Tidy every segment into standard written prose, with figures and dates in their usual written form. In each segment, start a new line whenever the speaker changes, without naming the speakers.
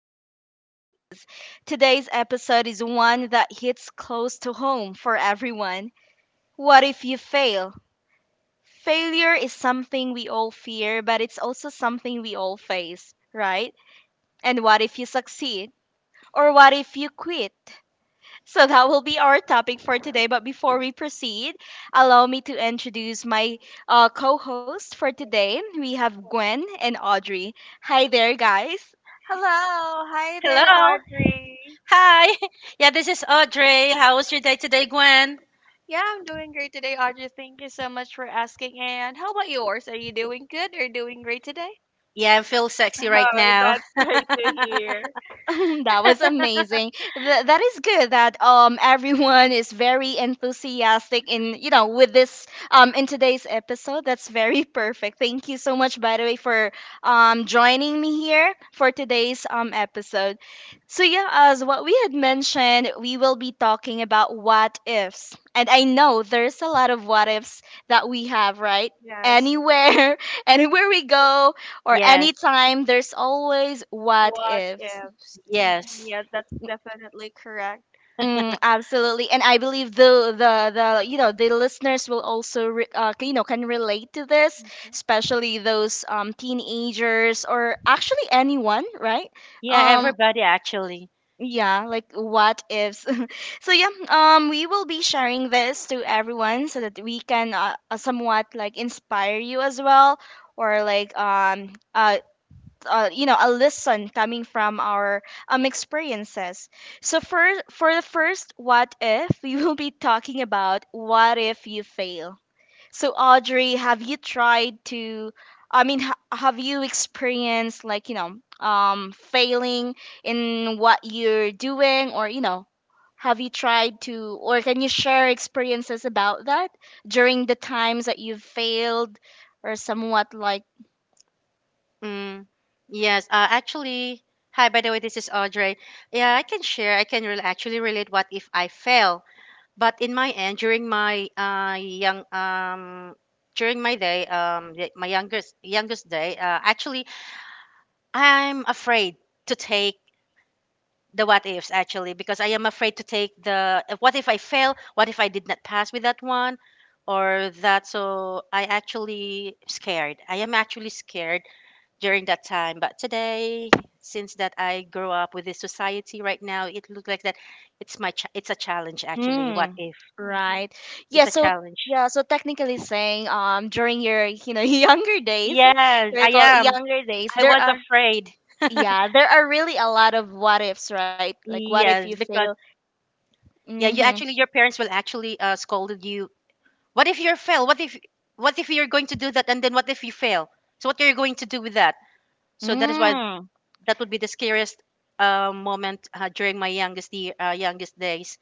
and possibilities. Today's episode is one that hits close to home for everyone. What if you fail? Failure is something we all fear, but it's also something we all face, right? And what if you succeed? Or what if you quit? So that will be our topic for today. But before we proceed, allow me to introduce my co host for today. We have Gwen and Audrey. Hi there, guys.
Hello. Hi there,
Hello.
Audrey.
Hi. Yeah, this is Audrey. How was your day today, Gwen?
Yeah, I'm doing great today, Audrey. Thank you so much for asking. And how about yours? Are you doing good or doing great today?
Yeah, I feel sexy right
Oh,
now.
that's great to hear.
That was amazing. That is good that everyone is very enthusiastic in with this in today's episode. That's very perfect. Thank you so much by the way for joining me here for today's episode. So yeah, as what we had mentioned, we will be talking about what ifs. And I know there's a lot of what ifs that we have, right?
Yes.
Anywhere, anywhere we go or
Yes,
anytime, there's always what
What
ifs.
ifs? Mhm.
yes.
Yeah, that's definitely correct.
Mm, absolutely, and I believe the the listeners will also you know can relate to this,
Mhm.
especially those teenagers or actually anyone, right?
Yeah,
Yeah.
Um,
everybody actually.
yeah, like what ifs. So yeah, we will be sharing this to everyone so that we can somewhat like inspire you as well, or like you know a lesson coming from our experiences so for the first what if we will be talking about what if you fail. So Audrey, have you tried to, I mean have you experienced like you know failing in what you're doing or you know, have you tried to, or can you share experiences about that during the times that you've failed or somewhat like.
Mm. Yes, actually, hi, by the way, this is Audrey. Yeah, I can share. I can rel actually relate what if I fail. But in my end, during my young during my day my youngest day, actually, I'm afraid to take the what ifs actually because I am afraid to take the what if I fail, what if I did not pass with that one or that, so I actually scared. I am actually scared during that time, but today, since that I grew up with this society right now, it looks like that it's my it's a challenge actually. What
Mm,
if?
Mhm.
right.
It's
Yeah,
a
so
challenge.
yeah, so technically saying during your, you know, younger days,
Yes,
we
I
call it
am.
younger days,
I
there
was
are,
afraid.
yeah, there are really a lot of what ifs, right? Like what if you
Yes, because
fail?
yeah, you
Mhm.
actually your parents will actually scolded you. What if you fail? What if you're going to do that and then what if you fail? So what are you going to do with that? So that is
Mhm.
why
Mm.
that would be the scariest moment during my youngest year, youngest days.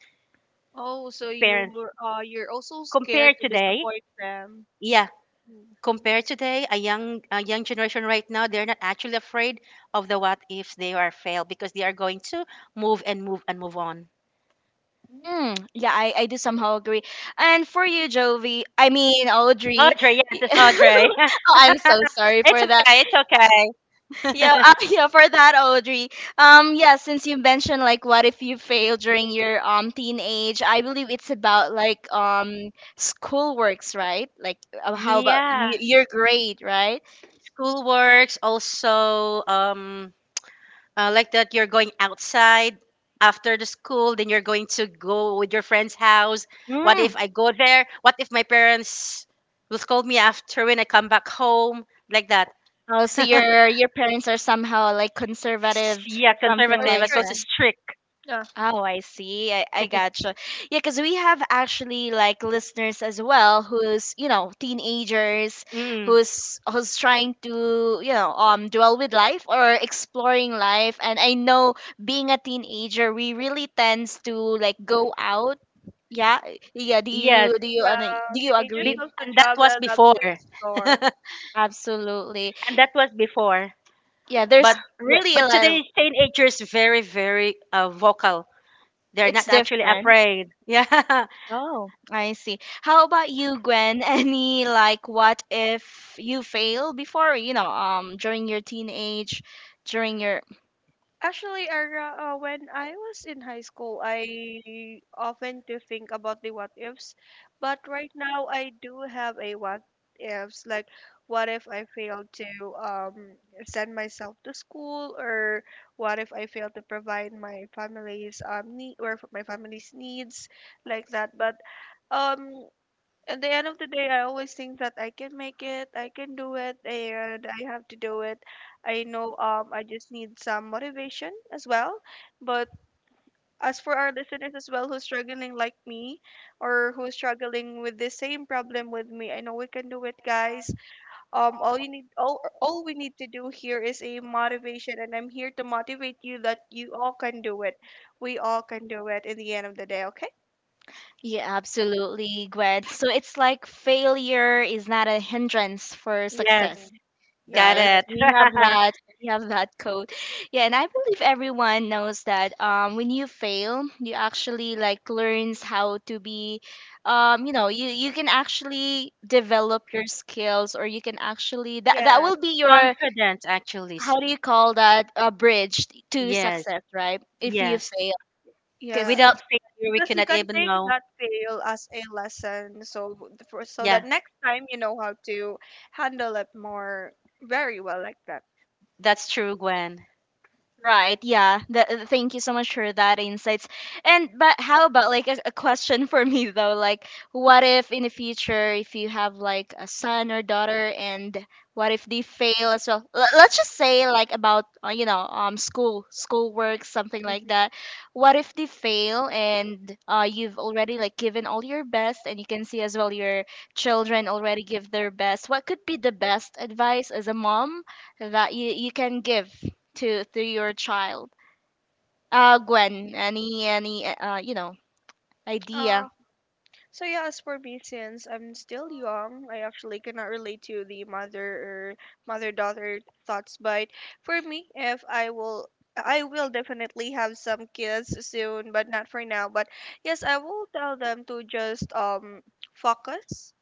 Oh, so you
Parents
were you're also scared
compare
to
today.
disappoint them.
Yeah,
Mm.
compare today, a young generation right now, they're not actually afraid of the what ifs, they are fail because they are going to move on.
Mm. Yeah, I do somehow agree. And for you, Jovi, I mean Audrey.
Audrey, yes, it's Audrey.
Oh, I'm so sorry
It's
for that.
okay, it's okay.
Yeah, yeah, for that, Audrey. Yeah, since you mentioned like what if you fail during your teenage, I believe it's about like school works, right? Like how about
Yeah.
your grade, right?
School works also like that, you're going outside after the school, then you're going to go with your friend's house. What
Mm.
if I go there? What if my parents will scold me after when I come back home, like that?
Oh, so your parents are somehow like conservative,
Yeah,
something
Or
conservative
like.
as well
strict.
as strict.
Yeah.
Oh, I see. I gotcha. Yeah, because we have actually like listeners as well who's, you know, teenagers
Mm.
who's trying to, you know, dwell with life or exploring life. And I know being a teenager, we really tends to like go out. Yeah. Yeah, do
Yes.
you
Yeah,
do you
teenagers
Be-
agree?
love to
and that was
travel, love
before.
to explore.
Absolutely.
And that was before,
Yeah, there's
but yeah,
really a
but
lot of,
today's teenagers, very vocal. They're
it's
not actually
different.
afraid. Yeah.
Oh, I see. How about you, Gwen? Any like what if you fail before, you know, during your teenage, during your.
Actually, Ara, when I was in high school, I often do think about the what ifs, but right now I do have a what ifs. Like, what if I fail to um send myself to school, or what if I fail to provide my family's need or for my family's needs, like that. But um at the end of the day, I always think that I can make it, I can do it, and I have to do it. I know I just need some motivation as well. But as for our listeners as well who's struggling like me or who's struggling with the same problem with me, I know we can do it, guys. All you need, all we need to do here is a motivation, and I'm here to motivate you that you all can do it. We all can do it in the end of the day, okay?
Yeah, absolutely, Gwen. So it's like failure is not a hindrance for, yes,
Yes.
success,
Mhm.
Got
right?
Yes.
it.
We have that. We have that code. Yeah, and I believe everyone knows that when you fail, you actually like learns how to be, you know, you can actually develop your skills, or you can actually that
Yes.
will be your,
Confident, actually.
how do you call that, a bridge to
Yes.
success, right? If you
Yes.
fail, because
Yeah,
Without failure, we
because you
cannot
can
even
take
know.
that fail as a lesson so for, so
Yeah.
that next time you know how to handle it more very well like that.
That's true, Gwen.
right, yeah. Thank you so much for that insights. And but how about like a question for me though, like what if in the future if you have like a son or daughter and what if they fail as well? Let's just say like about you know school school work something like
Mhm.
that. What if they fail and you've already like given all your best and you can see as well your children already give their best. What could be the best advice as a mom that you can give to your child? Gwen, any you know
uh,
idea?
so yeah, as for me, since I'm still young, I actually cannot relate to the mother or mother daughter thoughts, but for me, if I will, I will definitely have some kids soon, but not for now. But yes, I will tell them to just focus,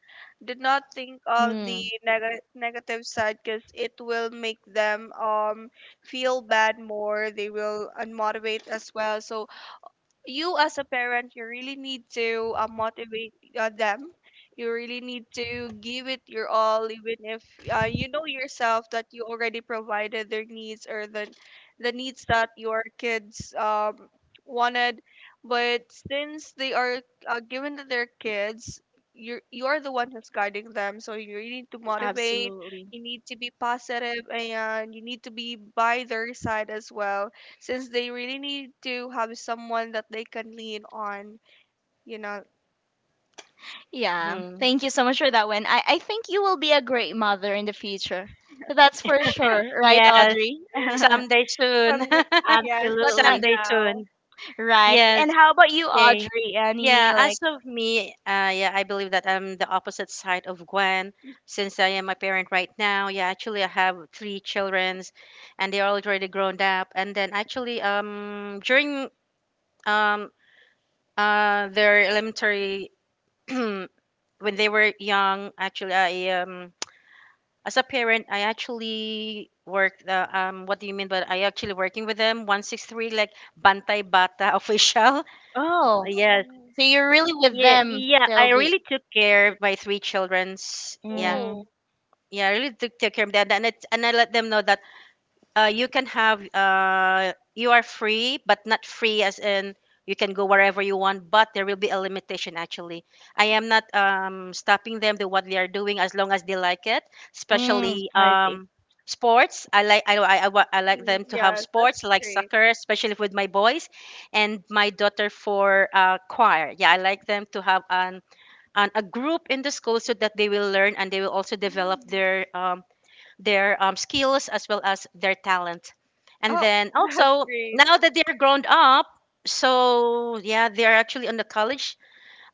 did not think of the
Mm,
negative side, because it will make them feel bad more, they will unmotivate as well. So you as a parent, you really need to motivate them. You really need to give it your all, even if you know yourself that you already provided their needs, or the needs that your kids wanted. But since they are given to their kids, you're the one who's guiding them, so you really need to motivate.
absolutely.
You need to be positive and you need to be by their side as well, since they really need to have someone that they can lean on, you know.
Yeah,
Mhm.
thank you so much for that one. I think you will be a great mother in the future. That's for sure, right,
Yes.
Audrey? Absolutely.
Someday soon.
Um, yes, but not
Someday soon.
now.
Right.
Yes.
And how about you,
Okay.
Audrey?
Yeah,
Any,
as
like,
of me, yeah, I believe that I'm the opposite side of Gwen since I am a parent right now. Yeah, actually, I have three children and they're already grown up. And then actually, during um, their elementary, when they were young, actually, I as a parent, I actually worked. What do you mean? But I actually working with them, one six three, like bantay bata official.
oh,
Yes.
so you're really with
Yeah,
them
yeah,
till
I
the.
really took care of my three childrens. Yeah,
Mm,
yeah, I really took care of them, and I let them know that you can have you are free, but not free as in you can go wherever you want, but there will be a limitation. Actually, I am not stopping them to what they are doing as long as they like it,
mm,
especially
I see.
sports. I like I like
Mm,
them to have
yes, that's
sports like
great.
soccer, especially with my boys, and my daughter for choir. Yeah, I like them to have a group in the school so that they will learn and they will also develop
Mm.
their skills as well as their talent, and
Oh,
then
that's
also
great.
now that they're grown up, so yeah, they're actually on the college,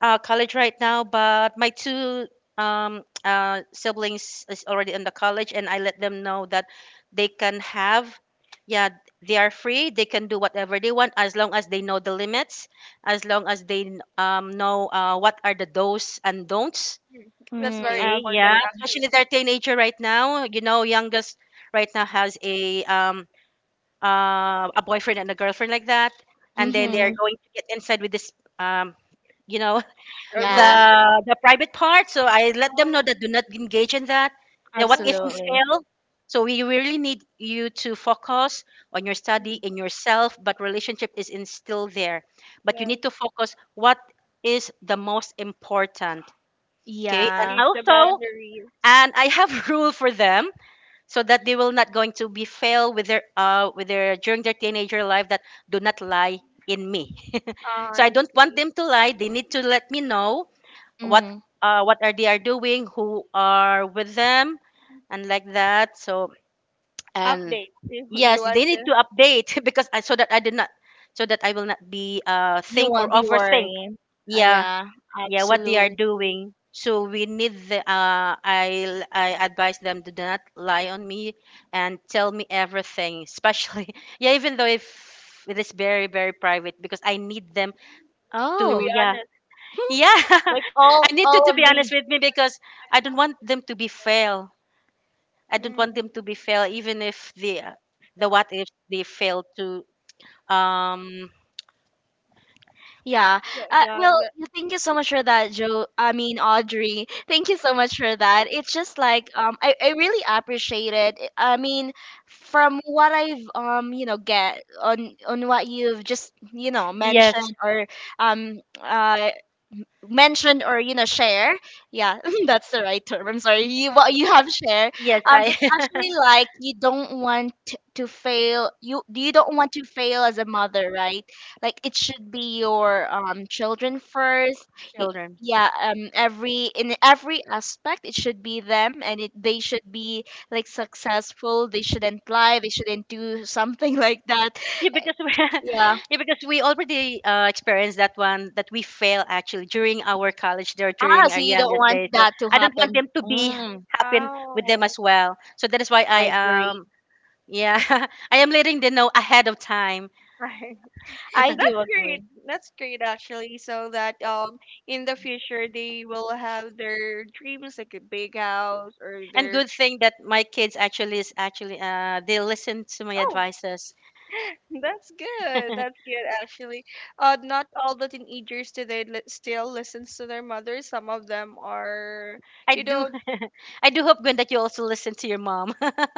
college right now, but my two siblings is already in the college, and I let them know that they can have, yeah, they are free. They can do whatever they want as long as they know the limits, as long as they know what are the do's and don'ts.
Mm. That's
Mm,
very
Okay,
important,
yeah,
absolutely.
especially
actually.
they're teenager right now. You know, youngest right now has a boyfriend and a girlfriend, like that, and then they are
Mm.
Mm-hmm.
going to get inside with this um you know,
A
the
Yeah,
rule.
the private part. So I let them know
Oh,
that do not engage in that. Now, what if
oh,
you
I
absolutely.
fail? So we really need you to focus on your study
see.
in yourself, but relationship is in still there. But you
Yes.
need to focus what is the most important.
Just
Okay, and
Yeah.
keep the
also,
boundaries.
and I have rule for them so that they will not going to be fail with their during their teenager life, that do not lie in me.
Ah,
So I
I
don't want
see.
them to lie. They need to let me know what
Mm.
what are they are doing, who are with them, and like that. So and
Update. You
yes,
want
they need to update because so that I did not, so that I will not be
You
think or
won't be
overthink.
worrying.
Yeah,
Yeah,
yeah, what they are
absolutely.
doing. So we need the I advise them to do not lie on me and tell me everything, especially yeah, even though if it is very private because I need them
to
Oh,
to
be
yeah.
honest.
Yeah,
like
I
all
need to be
of
honest
the
with me because I don't want them to be fail. I don't want
Mm.
them to be fail, even if the the what if they fail to. Um.
yeah.
Yeah, yeah,
Well,
but
you- thank you so much for that, Joe. I mean, Audrey. Thank you so much for that. It's just like I really appreciate it. I mean, from what I've you know, get on what you've just you know
Yes.
mentioned or um, uh, mention or you know share, yeah, that's the right term, I'm sorry you what you have share,
Yes.
um,
I
it's actually like you don't want to fail, you don't want to fail as a mother, right? Like it should be your children first. Y-
children.
yeah every in every aspect it should be them and it they should be like successful, they shouldn't lie, they shouldn't do something like that,
Yeah, because we,
yeah.
yeah, because we already experienced that one that we fail actually during our college there
Ah,
during our
so you don't
youngest
want
days. So
that to
I don't
happen,
want them to be
mm,
happen
oh.
with them as well. So that is why I
I agree.
yeah, I am letting them know ahead of time.
I do
That's great.
agree.
That's great actually. So that in the future they will have their dreams like a big house or
And
their.
good thing that my kids actually is actually they listen to my
Oh.
advices.
That's good. That's good actually. Not all the teenagers today still listens to their mother. Some of them are,
I
you
do
know,
I do hope, Gwen, that you also listen to your mom.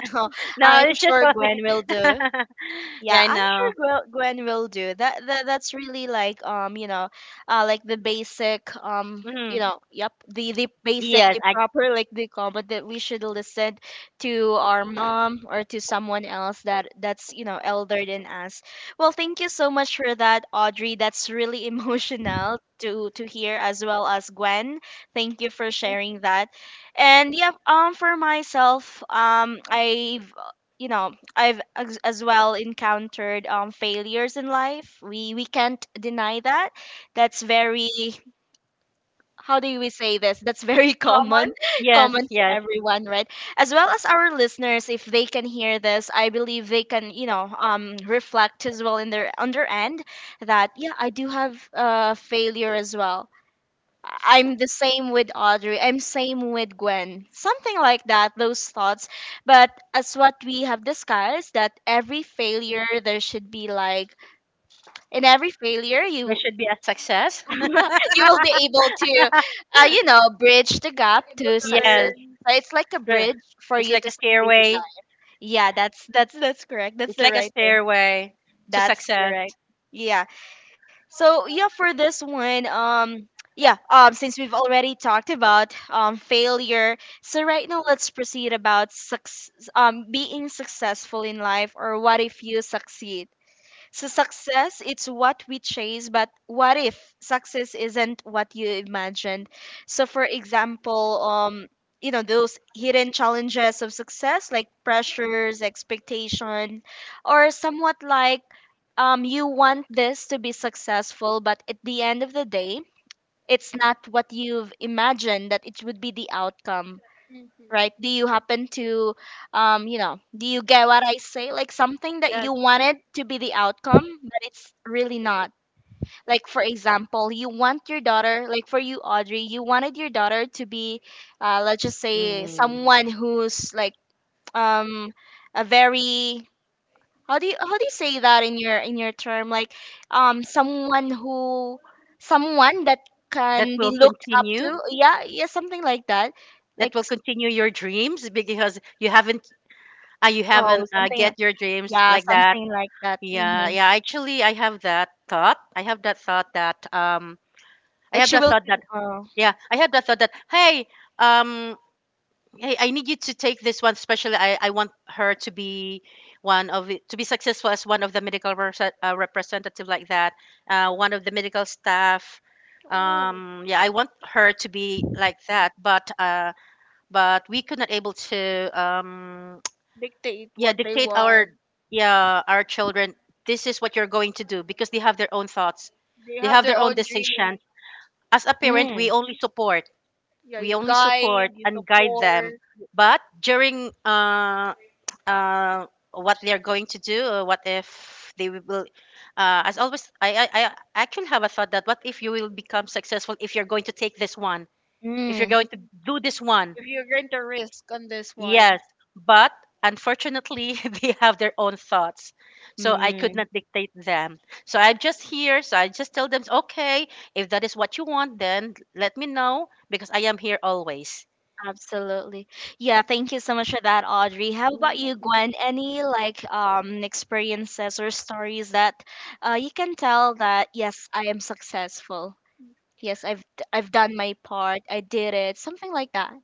No,
I'm
it's just
sure Gwen
funny.
will do.
Yeah,
Yeah,
I
I'm sure
know.
Gwen, Gwen will do that. That's really like you know, like the basic
Hmm.
you know, yep, the basic,
yes
the
i
proper like the comment that we should listen to our mom or to someone else that that's you know elder than us. Well, thank you so much for that, Audrey. That's really emotional to hear as well as Gwen. Thank you for sharing that. And yeah, for myself, I've you know, I've as well encountered failures in life. We can't deny that. That's very, how do we say this? That's very
common
common,
yes.
common to
Yes.
everyone, right? As well as our listeners, if they can hear this, I believe they can, you know, reflect as well in their on their end, that yeah, I do have failure as well. I'm the same with Audrey. I'm same with Gwen. Something like that, those thoughts. But as what we have discussed, that every failure there should be like in every failure
There
you
should be a success.
you will be able to you know, bridge the gap
able
to
to
success.
Yes.
learn.
So it's like a
the-
bridge for
it's
you
like
to
a
succeed in
stairway,
life. Yeah, that's correct. That's
it's
the
like a
right term.
stairway to
That's
success.
correct. Yeah. So yeah, for this one, yeah, since we've already talked about failure, so right now let's proceed about suc being successful in life or what if you succeed. So success, it's what we chase, but what if success isn't what you imagined? So for example, you know, those hidden challenges of success, like pressures, expectation, or somewhat like you want this to be successful, but at the end of the day, it's not what you've imagined that it would be the outcome,
Mhm.
right? Do you happen to, you know, do you get what I say? Like something that
Yes.
you wanted to be the outcome, but it's really not. Like for example, you want your daughter, like for you, Audrey, you wanted your daughter to be, let's just say
Mm.
someone who's like, um, a very, how do you say that in your term? Like, someone who, someone that
that
can
will
be looked up
continue
to. Yeah, yeah, something like that.
that
Like,
will continue your dreams because you
oh,
haven't
something,
get your dreams,
yeah,
like that.
something like that.
Yeah,
Mhm.
yeah, actually, I have that thought that
Oh.
yeah, I have that thought that, hey, um hey, I need you to take this one, especially I want her to be to be successful as one of the representative, like that, one of the medical staff.
Ooh,
Yeah, I want her to be like that, but we could not able to
dictate
yeah,
what they
dictate
want.
our, yeah, our children, this is what you're going to do, because they have their own thoughts,
They
they
have
have their
their
own
own dream.
decision. As a parent,
Mm.
Yeah,
we
you
only
guide,
support
you
and guide them.
support.
But during uh what they're going to do, what if they will, as always, I actually have a thought that, what if you will become successful if you're going to take this one, if you're
Mm.
going to do this one.
If you're going to risk on this one.
Yes, but unfortunately, they have their own thoughts. So I could
Mm.
not dictate them. So I'm just here. So I just tell them, okay, if that is what you want, then let me know because I am here always.
Absolutely. Yeah. Thank you so much for that, Audrey. How about you, Gwen? Any like experiences or stories that you can tell that yes, I am successful. Yes, I've done my part. I did it. Something like that.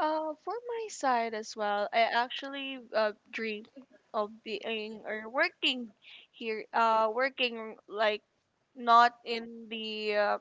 For my side as well, I actually dream of being or working here, working like not in the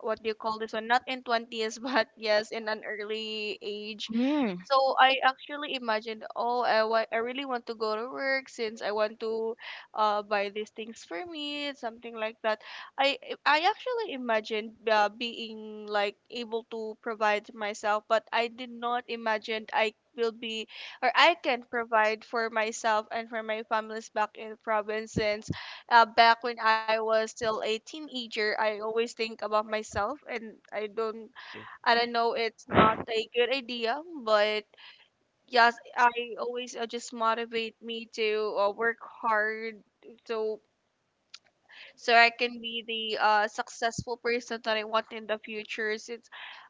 what do you call this one? Not in twenties, but yes, in an early age.
Mm.
So I actually imagined, oh, I really want to go to work since I want to buy these things for me, something like that. I I actually imagined being like able to provide myself, but I did not imagine I will be or I can provide for myself and for my families back in the province. Since back when I was still a teenager, I always think about myself, and I don't know, it's not a good idea, but yes, I always just motivate me to work hard, so so I can be the successful person that I want in the future. Since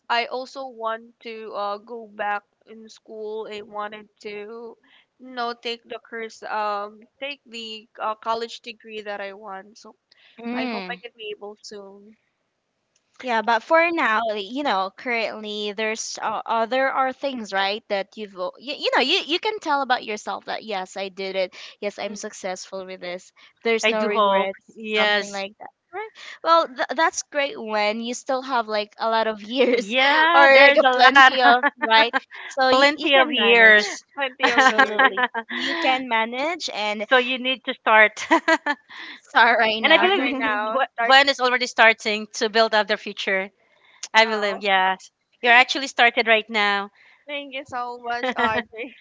I also want to go back in school, I wanted to, you know, take the course, take the college degree that I want. So I hope.
Mm.
Mm. I can be able soon.
Yeah, but for now, you know, currently there's there are things right that you know you can tell about yourself that yes I did it,
Yes,
yes I'm
I'm. Mm.
successful with this, there's
I
no
do hope.
regrets, something
Yes.
like that, right? Well that's great when you still have like a lot of years
Yeah,
or like
there's
a
a lot.
plenty of, right? So you
Plenty of
can manage,
years.
Plenty of years.
absolutely you can manage and
So you need to start. And
start right
I
now.
Start
believe
right now. Start.
Gwen is already starting to build up their future. I believe,
Oh,
yes. You're actually started right now.
thank you so much, Audrey.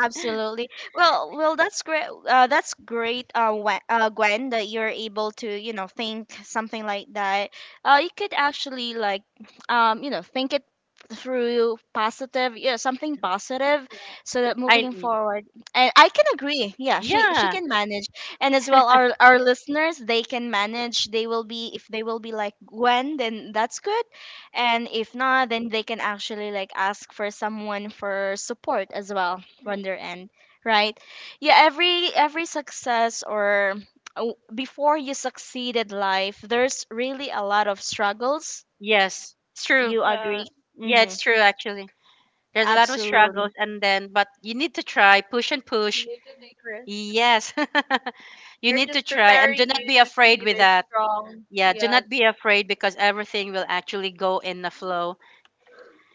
Absolutely. Well, well, that's great. That's great, Gwen, Gwen, that you're able to, you know, think something like that. You could actually like, you know, think it through positive, yeah, something positive,
Yeah.
so that
I
moving forward, and I can agree. Yeah, she
Yeah,
can manage, and as well, our listeners, they can manage. They will be if they will be like Gwen, then that's good, and if not, then they can actually like ask for someone for support as well
Mm.
from their end, right? Every success or before you succeed at life, there's really a lot of struggles.
yes, it's true.
You
Yeah,
agree?
Yeah,
Mm-hmm.
it's true actually. There's a lot of struggles
Absolutely.
and then but you need to try, push and
you
push.
need to take risks.
Yes. You
They're
need to
just
try and
preparing
do not
you
be
to be
afraid with
either
that.
strong.
Yeah, do
Yeah,
not be afraid because everything will actually go in the flow.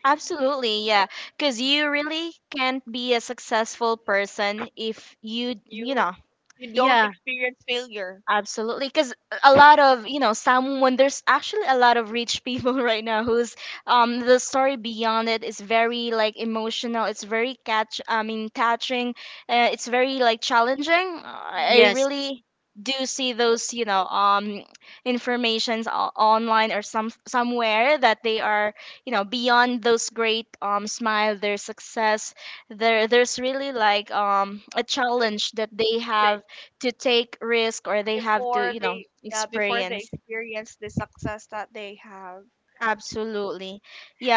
Absolutely, yeah. Because you really can't be a successful person if you, you
you
know,
you don't
Yeah.
experience failure.
Absolutely, because a lot of someone, there's actually a lot of rich people right now who's the story beyond it is very like emotional. It's very catch. I mean, touching. It's very like challenging. I
Yes.
really do see those informations online or some somewhere that they are beyond those great smile their success. There's really like a
Oh, wait,
challenge that they
they-
have to take risk, or they have to
before they, yeah, before they
experience.
experience the success that they have.
Absolutely.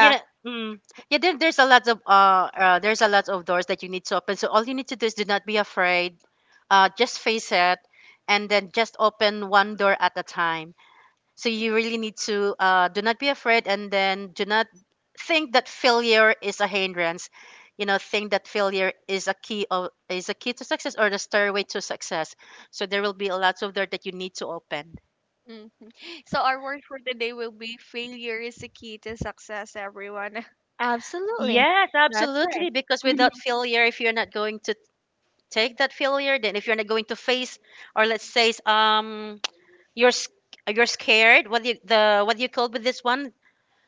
You know. Mm. Yeah, there's a lot of there's a lot of doors that you need to open. So all you need to do is do not be afraid, just face it and then just open one door at a time. So you really need to do not be afraid, and then do not think that failure is a hindrance. You know, think that failure is a key of is a key to success, or the stairway to success. So there will be a lot of door that you need to open.
Mm. So our word for today will be failure is the key to success, everyone.
absolutely,
Yes,
that's
absolutely.
right.
Because without failure, if you're not going to take that failure, then if you're not going to face, or let's say, you're s- you're scared, what do you, the what do you call with this one,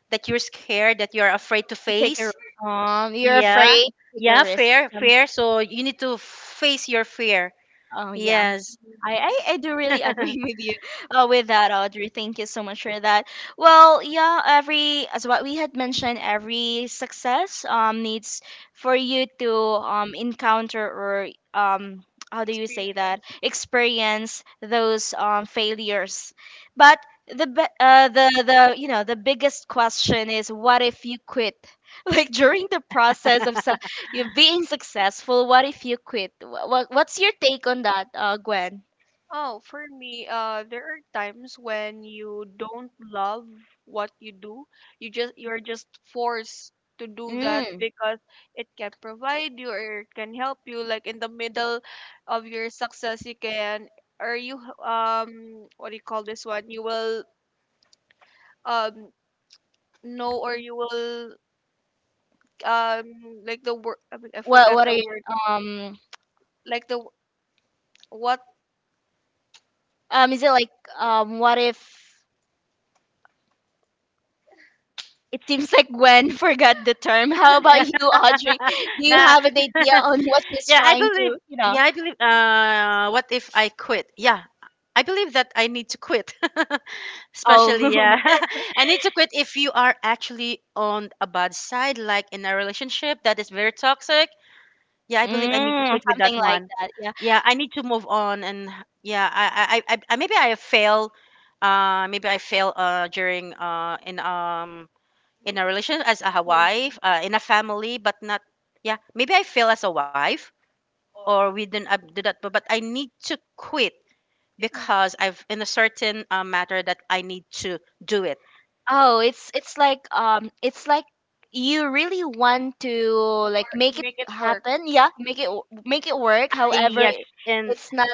that you're scared, that you're afraid to
To take
face.
a, you're
Yeah,
afraid to take a
yeah,
risk.
fear, fear, so you need to face your fear.
Oh yeah.
Yes.
I, I, I do really
Nah.
agree with you with that, Audrey. Thank you so much for that. Well, yeah, every, as what we had mentioned, every success needs for you to encounter or um how do you say that,
Experience.
experience those failures, but the the biggest question is, what if you quit like during the process of you're being successful? What if you quit? What's your take on that, Gwen?
Oh, for me, there are times when you don't love what you do. You're just forced to do that
Mm.
because it can provide you or it can help you. Like in the middle of your success, you can or you what do you call this one? You will um know or you will um like the word, I mean, I
What
forgot
what are
the
you,
word,
um
like the what.
is it like, what if, it seems like Gwen forgot the term. How about you, Audrey? Do you have an idea on what she's
yeah i
trying
believe
to, you know?
yeah, I believe, what if I quit? Yeah, I believe that I need to quit.
Oh,
Especially, yeah. I need to quit if you are actually on a bad side, like in a relationship that is very toxic. Yeah, I believe I need to
mm,
quit with that
something like
one.
that. Yeah.
Yeah, I need to move on, and yeah, I maybe I fail, in a relation as a wife, in a family, but not, yeah, maybe I fail as a wife, or we didn't do that, but I need to quit
Mm, mm,
because I've in a certain matter that I need to do it.
Oh, it's like you really want to like make it
make it work.
happen. Yeah, make it make it work. However,
Yes, and
it's not,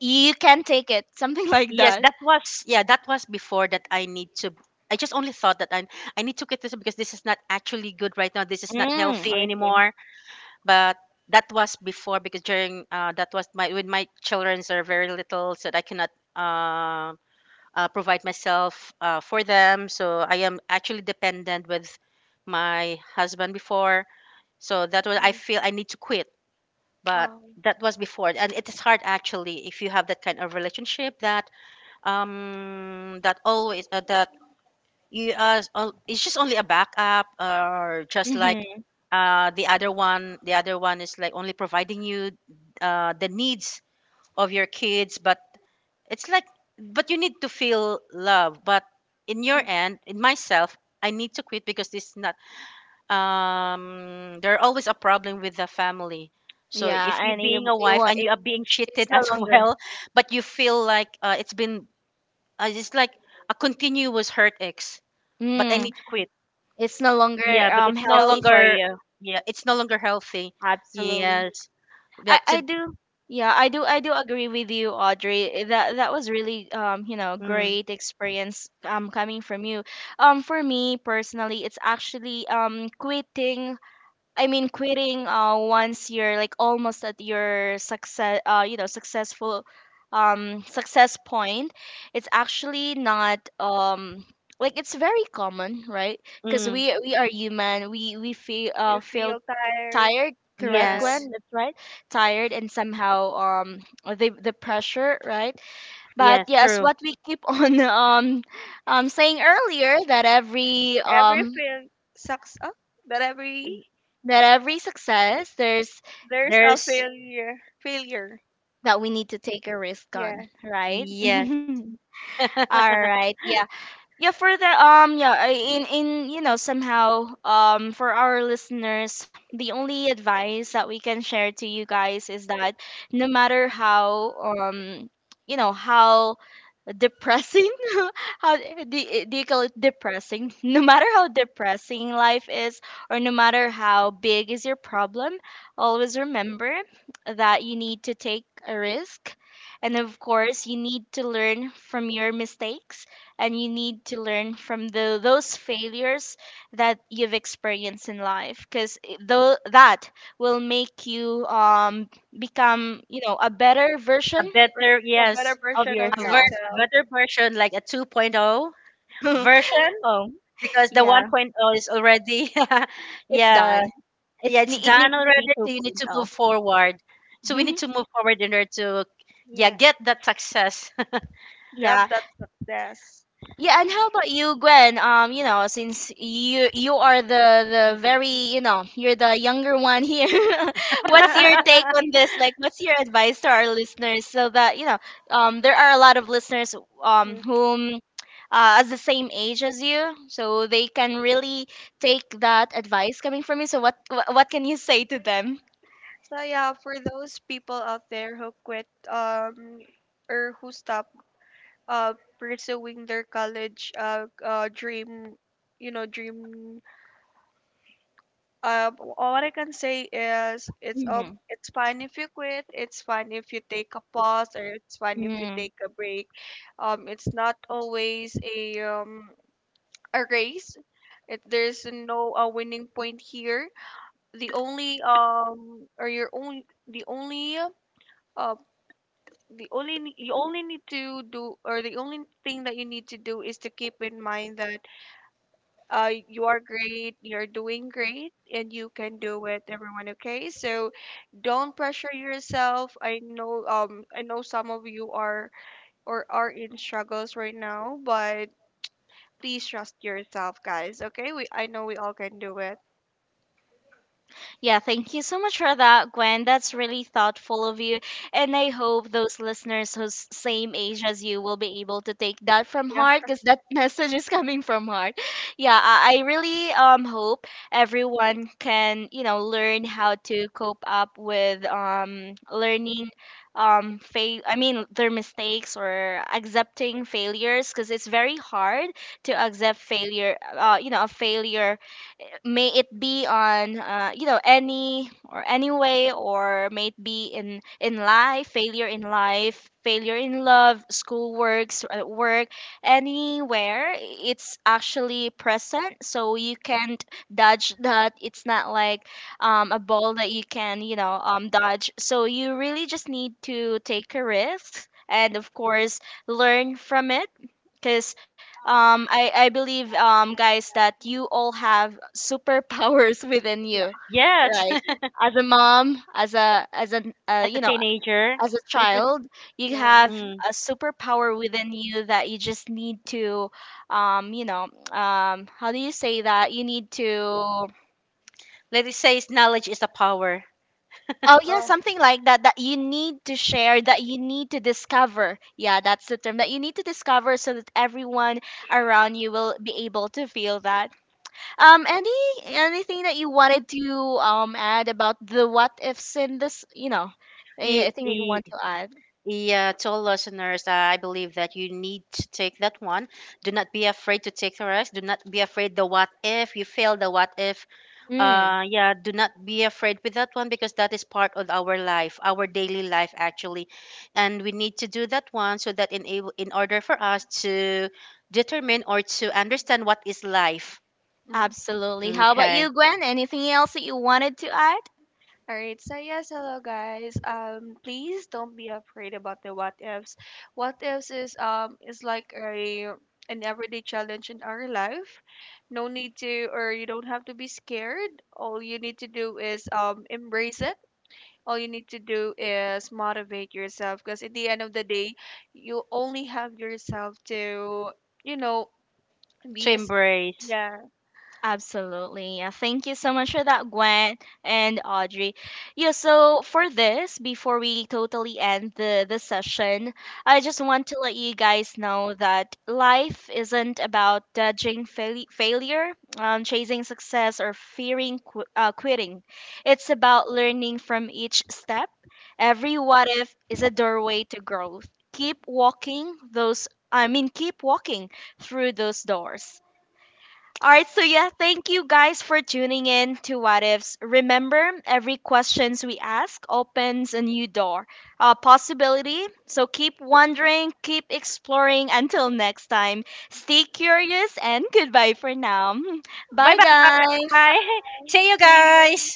you can take it. Something like
yes,
that.
that was yeah, that was before that I need to. I just only thought that I need to quit this because this is not actually good right now. This is not
Mm,
healthy
I see.
anymore. But that was before because during that was my when my children are very little, so I cannot uh, provide myself for them. So I am actually dependent with my husband before. So that was I feel I need to quit, but
Um.
that was before, and it is hard actually if you have that kind of relationship that that always that you it's just only a backup or just like
Mm-hmm.
the other one is like only providing you the needs of your kids, but it's like, but you need to feel love, but in your
Mm.
end, in myself, I need to quit because this is not there are always a problem with the family. So
Yeah,
if you are
and it,
being
w-
a
it,
wife
wa-
and you
it
are being
it's
cheated
no
as
longer,
well, but you feel like it's been it's like a continuous hurt ex but I
mm,
need to quit.
it's no longer
Yeah, because it's no
healthy for
Healthy.
longer,
you.
yeah, it's no longer healthy.
Absolutely.
Yes,
I
that's
I
it.
do. Yeah, I do. I do agree with you, Audrey. That that was really you know
Mm,
great experience coming from you. For me personally, it's actually quitting. I mean, quitting once you're like almost at your success, you know, successful success point. It's actually not like, it's very common, right? Because
mm,
we are human. We feel
You
fail,
feel tired.
tired, correct,
Yeah.
Glenn,
yes.
that's right, tired, and somehow the pressure, right? But
Yeah,
yes,
true.
what we keep on saying earlier,
Every fail sucks up, but every
that every success there's,
there's a
There's.
failure. Failure.
that we need to take a risk
Yeah.
on, right?
Yes. A
All right, yeah. Yeah, for the yeah, in, you know, somehow for our listeners, the only advice that we can share to you guys is that, no matter how you know how depressing, how do, do you call it depressing, no matter how depressing life is, or no matter how big is your problem, always remember that you need to take a risk, and of course you need to learn from your mistakes, and you need to learn from the those failures that you've experienced in life, because though that will make you become, you know, a better version
A, per-
better,
a better
yes,
of
version of
yourself.
a
yourself.
better version, like a 2.0
Oh
version, because the
yeah,
1.0 is already
it's
yeah,
done,
yeah, it's
it
done
needs to be
already, so you need to
2.0.
move forward, so we need to move forward in order to, yeah,
Yeah.
get that success.
Grab
Yeah.
that success.
Yeah, and how about you, Gwen? You know, since you are the very, you know, you're the younger one here. What's your take on this? Like, what's your advice to our listeners so that, you know, there are a lot of listeners
Mhm.
whom as the same age as you, so they can really take that advice coming from you. So what can you say to them?
So yeah, for those people out there who quit or who stop uh pursuing their college dream, you know, dream. All I can say is it's fine if you quit. It's fine if you take a pause, or it's fine if you
Mm-hmm.
take a break. It's not always a race. It, there's no winning point here. The only uh you only need to do, or the only thing that you need to do is to keep in mind that you are great. You're doing great, and you can do it, everyone. Okay, so don't pressure yourself. I know some of you are or are in struggles right now, but please trust yourself, guys. Okay, we I know we all can do it.
Yeah, thank you so much for that, Gwen. That's really thoughtful of you. And I hope those listeners who's same age as you will be able to take that from
Yeah,
heart, because that message is coming from heart. Yeah, I really hope everyone can, you know, learn how to cope up with learning, fail I mean their mistakes, or accepting failures, because it's very hard to accept failure, you know, a failure, may it be on you know, any or any way, or may it be in life, failure in life, failure in love, school works, work, anywhere, it's actually present, so you can't dodge that. It's not like a ball that you can, you know, dodge. So you really just need to take a risk, and of course learn from it, because I believe, guys, that you all have superpowers within
yeah,
you,
Yes.
right? As a mom, as a
As a
you know,
teenager.
as a child, you
yeah.
have
Mm.
a superpower within you that you just need to, you know, how do you say that? You need to.
Let it say knowledge is a power.
Oh yeah,
Oh.
something like that, that you need to share, that you need to discover. Yeah, that's the term, that you need to discover, so that everyone around you will be able to feel that. Um, any anything that you wanted to add about the what ifs in this, you know,
I,
anything that you
I,
want to add?
yeah, to all listeners, I believe that you need to take that one. Do not be afraid to take the rest. Do not be afraid the what if. You fail the what if.
Mm,
Yeah, do not be afraid with that one because that is part of our life, our daily life actually, and we need to do that one so that enable in order for us to determine or to understand what is life.
Mm.
absolutely. How about you,
Okay,
Gwen? Anything else that you wanted to add?
All right, so yes, hello guys. Please don't be afraid about the what ifs. What ifs is like a an everyday challenge in our life. No need to, or you don't have to be scared. All you need to do is embrace it. All you need to do is motivate yourself, because at the end of the day, you only have yourself to, you know,
to
be as
embrace.
yeah.
Absolutely. Yeah, thank you so much for that, Gwen and Audrey. Yeah, so for this, before we totally end the session, I just want to let you guys know that life isn't about judging failure, chasing success, or fearing quitting. It's about learning from each step. Every what if is a doorway to growth. Keep walking those, I mean, keep walking through those doors. All right, so yeah, thank you guys for tuning in to What Ifs. Remember, every questions we ask opens a new door, a possibility. So keep wondering, keep exploring. Until next time, stay curious, and goodbye for now.
Bye
Bye,
Bye.
guys.
bye. See you
See you.
guys.